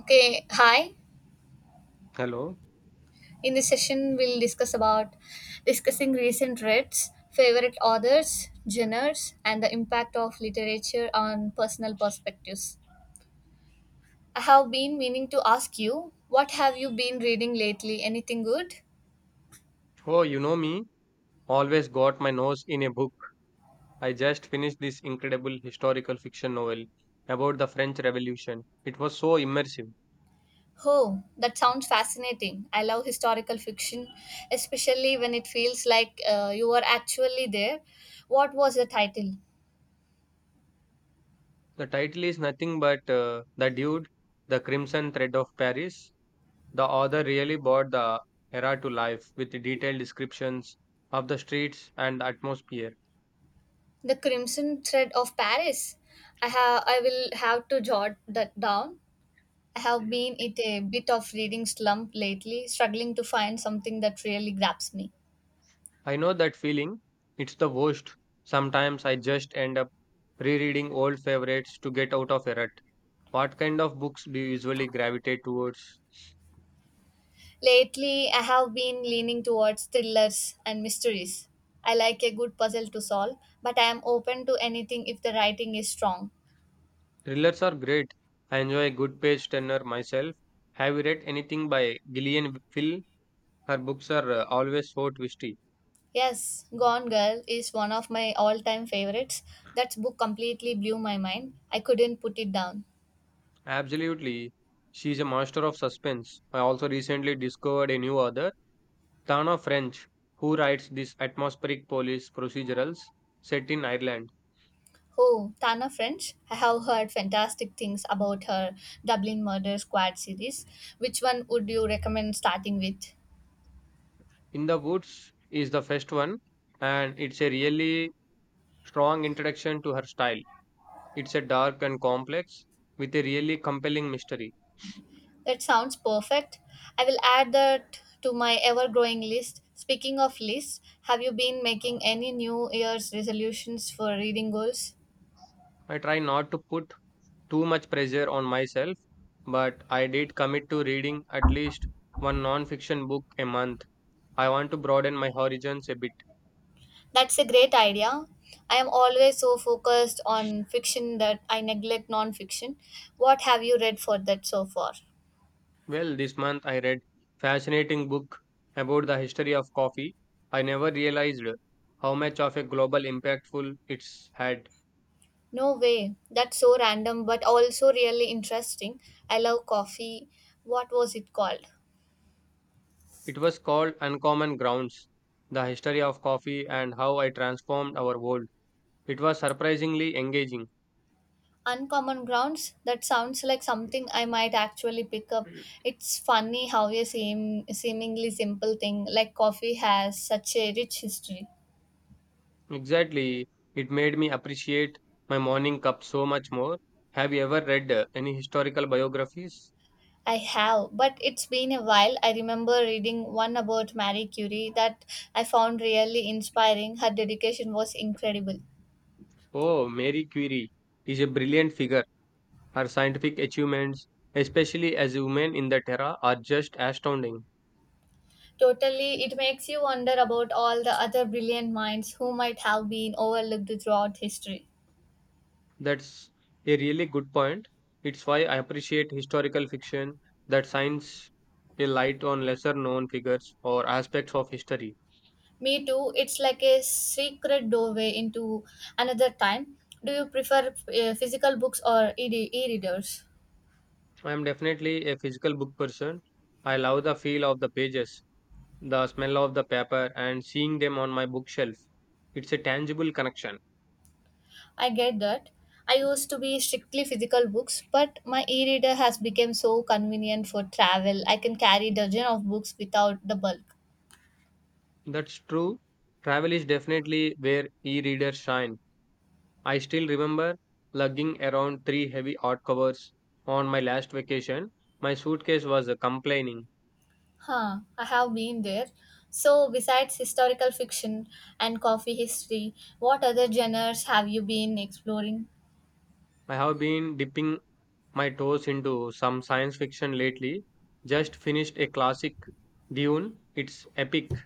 Okay, hi. Hello. In this session, we'll discuss about discussing recent reads, favorite authors, genres, and the impact of literature on personal perspectives. I have been meaning to ask you, what have you been reading lately? Anything good? Oh, you know me. Always got my nose in a book. I just finished this incredible historical fiction novel about the French Revolution. It was so immersive. Oh, that sounds fascinating. I love historical fiction, especially when it feels like you were actually there. What was the title? The title is nothing but The Dude, The Crimson Thread of Paris. The author really brought the era to life with detailed descriptions of the streets and the atmosphere. The Crimson Thread of Paris. I will have to jot that down. I have been in a bit of reading slump lately, struggling to find something that really grabs me. I know that feeling. It's the worst. Sometimes I just end up rereading old favorites to get out of a rut. What kind of books do you usually gravitate towards? Lately, I have been leaning towards thrillers and mysteries. I like a good puzzle to solve, but I am open to anything if the writing is strong. Thrillers are great. I enjoy a good page turner myself. Have you read anything by Gillian Phil? Her books are always so twisty. Yes, Gone Girl is one of my all time favorites. That book completely blew my mind. I couldn't put it down. Absolutely. She's a master of suspense. I also recently discovered a new author, Tana French, who writes these atmospheric police procedurals set in Ireland. Oh, Tana French? I have heard fantastic things about her Dublin Murder Squad series. Which one would you recommend starting with? In the Woods is the first one, and it's a really strong introduction to her style. It's a dark and complex with a really compelling mystery. That sounds perfect. I will add that to my ever growing list. Speaking of lists, have you been making any New Year's resolutions for reading goals? I try not to put too much pressure on myself, but I did commit to reading at least one non-fiction book a month. I want to broaden my horizons a bit. That's a great idea. I am always so focused on fiction that I neglect non fiction. What have you read for that so far? Well, this month I read fascinating book about the history of coffee. I never realized how much of a global impactful it's had. No way. That's so random but also really interesting. I love coffee. What was it called? It was called Uncommon Grounds: The History of Coffee and How I Transformed Our World. It was surprisingly engaging. Uncommon Grounds? That sounds like something I might actually pick up. It's funny how a seemingly simple thing like coffee has such a rich history. Exactly. It made me appreciate my morning cup so much more. Have you ever read any historical biographies? I have, but it's been a while. I remember reading one about Marie Curie that I found really inspiring. Her dedication was incredible. Oh, Mary Curie is a brilliant figure. Her scientific achievements, especially as a woman in that era, are just astounding. Totally, it makes you wonder about all the other brilliant minds who might have been overlooked throughout history. That's a really good point. It's why I appreciate historical fiction that shines a light on lesser known figures or aspects of history. Me too. It's like a secret doorway into another time. Do you prefer physical books or e-readers? I am definitely a physical book person. I love the feel of the pages, the smell of the paper and seeing them on my bookshelf. It's a tangible connection. I get that. I used to be strictly physical books, but my e-reader has become so convenient for travel. I can carry dozen of books without the bulk. That's true. Travel is definitely where e readers shine. I still remember lugging around three heavy hardcovers on my last vacation. My suitcase was complaining. Huh, I have been there. So, besides historical fiction and coffee history, what other genres have you been exploring? I have been dipping my toes into some science fiction lately. Just finished a classic Dune. It's epic.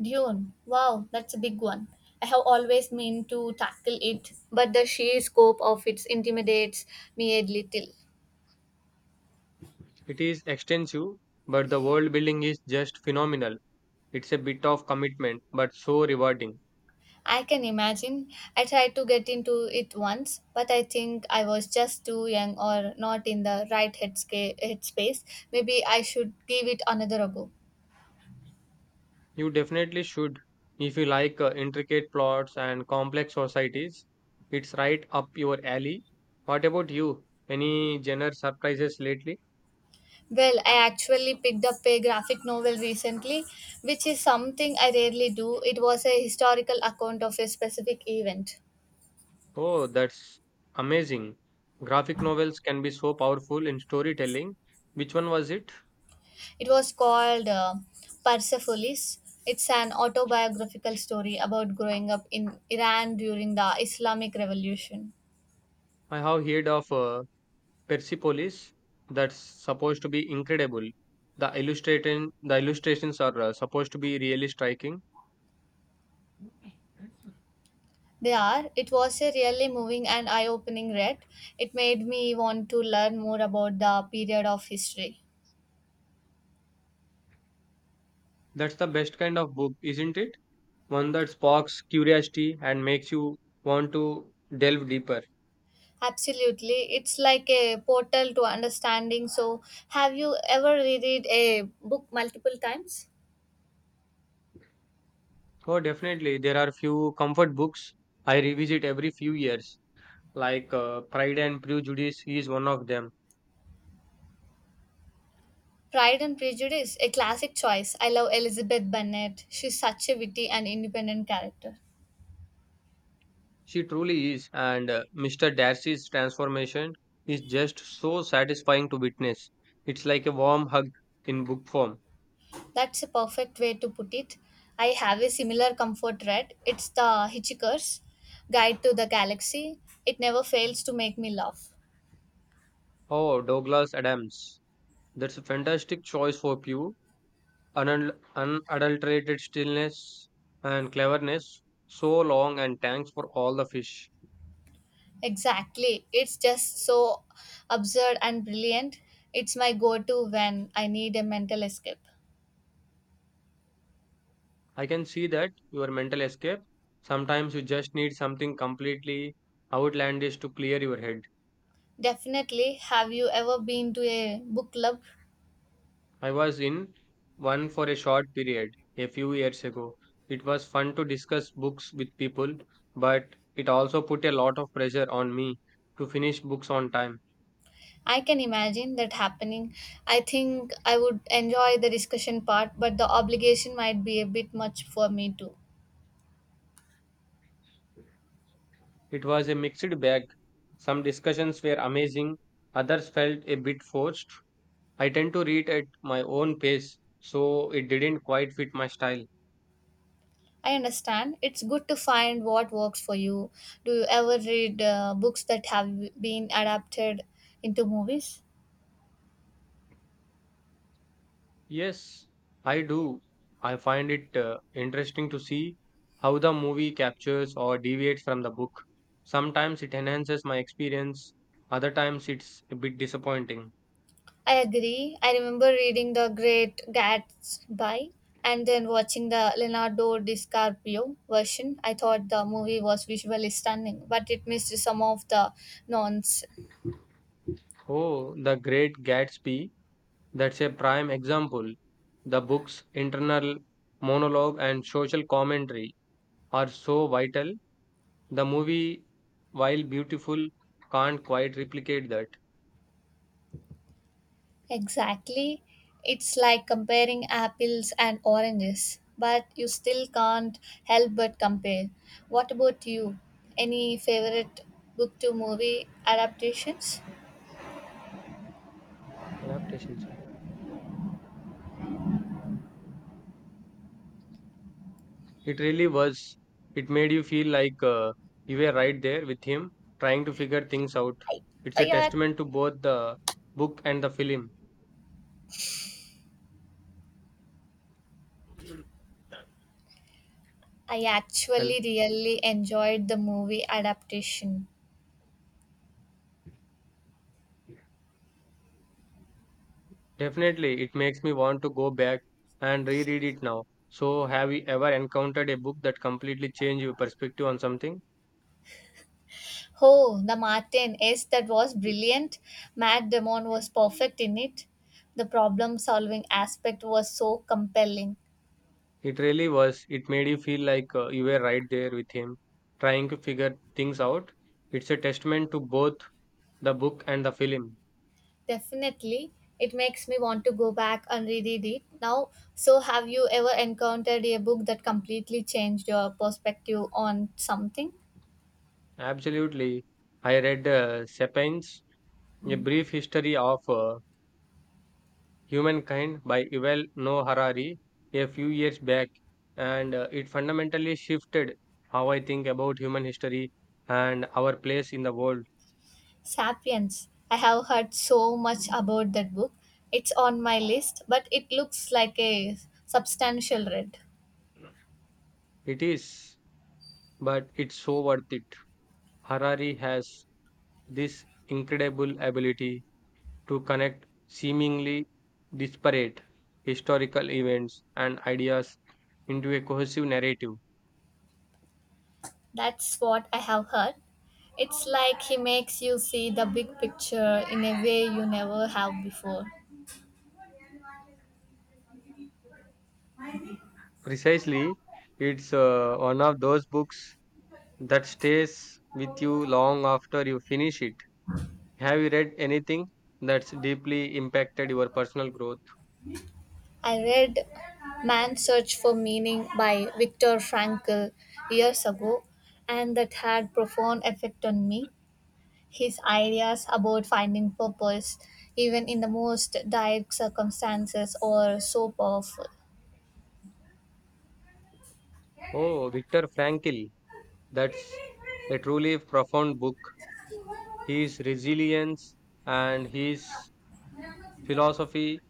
Dune. Wow, that's a big one. I have always meant to tackle it, but the sheer scope of it intimidates me a little. It is extensive, but the world building is just phenomenal. It's a bit of commitment, but so rewarding. I can imagine. I tried to get into it once, but I think I was just too young or not in the right headspace. Maybe I should give it another go. You definitely should. If you like intricate plots and complex societies, it's right up your alley. What about you? Any genre surprises lately? Well, I actually picked up a graphic novel recently, which is something I rarely do. It was a historical account of a specific event. Oh, that's amazing. Graphic novels can be so powerful in storytelling. Which one was it? It was called Persepolis. It's an autobiographical story about growing up in Iran during the Islamic Revolution. I have heard of Persepolis. That's supposed to be incredible. The illustrations are supposed to be really striking. They are. It was a really moving and eye opening read. It made me want to learn more about the period of history. That's the best kind of book, isn't it? One that sparks curiosity and makes you want to delve deeper. Absolutely. It's like a portal to understanding. So, have you ever reread a book multiple times? Oh, definitely. There are few comfort books I revisit every few years, like Pride and Prejudice is one of them. Pride and Prejudice, a classic choice. I love Elizabeth Bennet. She's such a witty and independent character. She truly is, and Mr. Darcy's transformation is just so satisfying to witness. It's like a warm hug in book form. That's a perfect way to put it. I have a similar comfort read. It's the Hitchhiker's Guide to the Galaxy. It never fails to make me laugh. Oh, Douglas Adams. That's a fantastic choice for Pew. Unadulterated stillness and cleverness, so long and thanks for all the fish. Exactly. It's just so absurd and brilliant. It's my go to when I need a mental escape. I can see that your mental escape, sometimes you just need something completely outlandish to clear your head. Definitely. Have you ever been to a book club? I was in one for a short period a few years ago. It was fun to discuss books with people, but it also put a lot of pressure on me to finish books on time. I can imagine that happening. I think I would enjoy the discussion part, but the obligation might be a bit much for me too. It was a mixed bag. Some discussions were amazing, others felt a bit forced. I tend to read at my own pace, so it didn't quite fit my style. I understand. It's good to find what works for you. Do you ever read books that have been adapted into movies? Yes, I do. I find it interesting to see how the movie captures or deviates from the book. Sometimes it enhances my experience, other times it's a bit disappointing. I agree. I remember reading The Great Gatsby and then watching the Leonardo DiCaprio version. I thought the movie was visually stunning, but it missed some of the nuance. Oh, The Great Gatsby, that's a prime example. The book's internal monologue and social commentary are so vital. The movie, while beautiful, can't quite replicate that Exactly. It's like comparing apples and oranges, but you still can't help but compare. What about you? Any favorite book to movie adaptations? adaptation. Sorry. It really was. It made you feel like you were right there with him, trying to figure things out. I, It's a I, ac- testament to both the book and the film. I Well, actually really enjoyed the movie adaptation. definitely, it makes me want to go back and reread it now. So, have you ever encountered a book that completely changed your perspective on something? Oh, The Martin. Yes, that was brilliant. Matt Damon was perfect in it. The problem solving aspect was so compelling. It really was. It made you feel like you were right there with him, trying to figure things out. It's a testament to both the book and the film. Definitely. It makes me want to go back and reread it now. So, have you ever encountered a book that completely changed your perspective on something? Absolutely. I read Sapiens, A Brief History of Humankind by Yuval Noah Harari a few years back, and it fundamentally shifted how I think about human history and our place in the world. Sapiens. I have heard so much about that book. It's on my list, but it looks like a substantial read. It is, but it's so worth it. Harari has this incredible ability to connect seemingly disparate historical events and ideas into a cohesive narrative. That's what I have heard. It's like he makes you see the big picture in a way you never have before. Precisely, it's one of those books that stays with you long after you finish it. Have you read anything that's deeply impacted your personal growth? I read Man's Search for Meaning by Viktor Frankl years ago, and that had profound effect on me. His ideas about finding purpose, even in the most dire circumstances, are so powerful. Oh, Viktor Frankl, that's a truly profound book. His resilience and his philosophy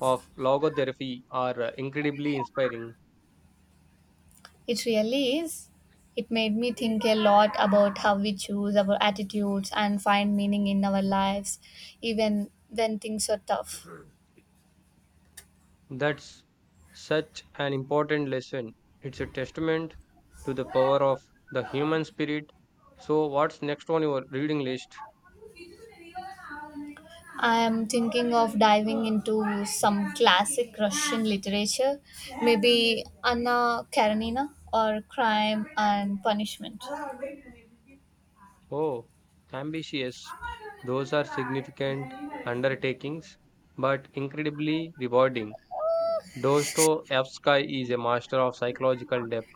of logotherapy are incredibly inspiring. It really is. It made me think a lot about how we choose our attitudes and find meaning in our lives, even when things are tough. That's such an important lesson. It's a testament to the power of the human spirit. So, what's next on your reading list? I am thinking of diving into some classic Russian literature, maybe Anna Karenina or Crime and Punishment. Oh, ambitious. Those are significant undertakings, but incredibly rewarding. Dostoevsky is a master of psychological depth.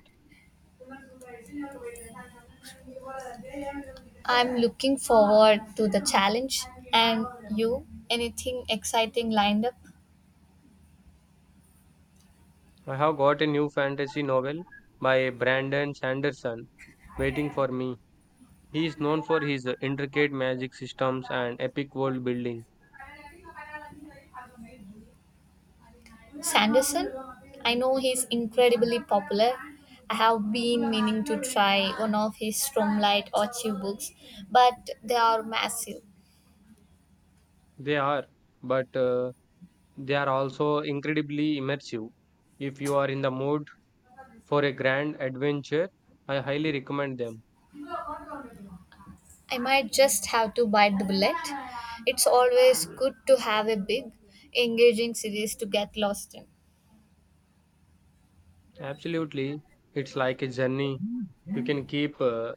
I'm looking forward to the challenge. And you, anything exciting lined up? I have got a new fantasy novel by Brandon Sanderson waiting for me. He is known for his intricate magic systems and epic world building. Sanderson? I know he's incredibly popular. I have been meaning to try one of his Stormlight Archive books, but they are massive. They are, but they are also incredibly immersive. If you are in the mood for a grand adventure, I highly recommend them. I might just have to bite the bullet. It's always good to have a big, engaging series to get lost in. Absolutely. It's like a journey. You can keep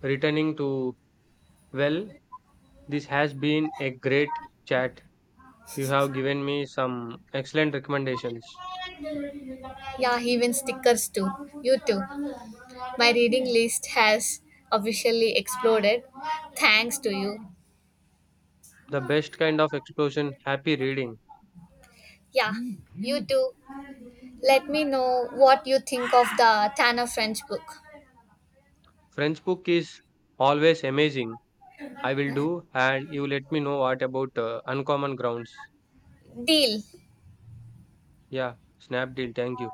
returning to. Well, this has been a great chat. You have given me some excellent recommendations. Yeah, even stickers too. You too. My reading list has officially exploded thanks to you. The best kind of explosion, happy reading. Yeah, you too. Let me know what you think of the Tanner French book. French book is always amazing. I will do, and you let me know what about Uncommon Grounds. Deal. Yeah, Snapdeal, thank you.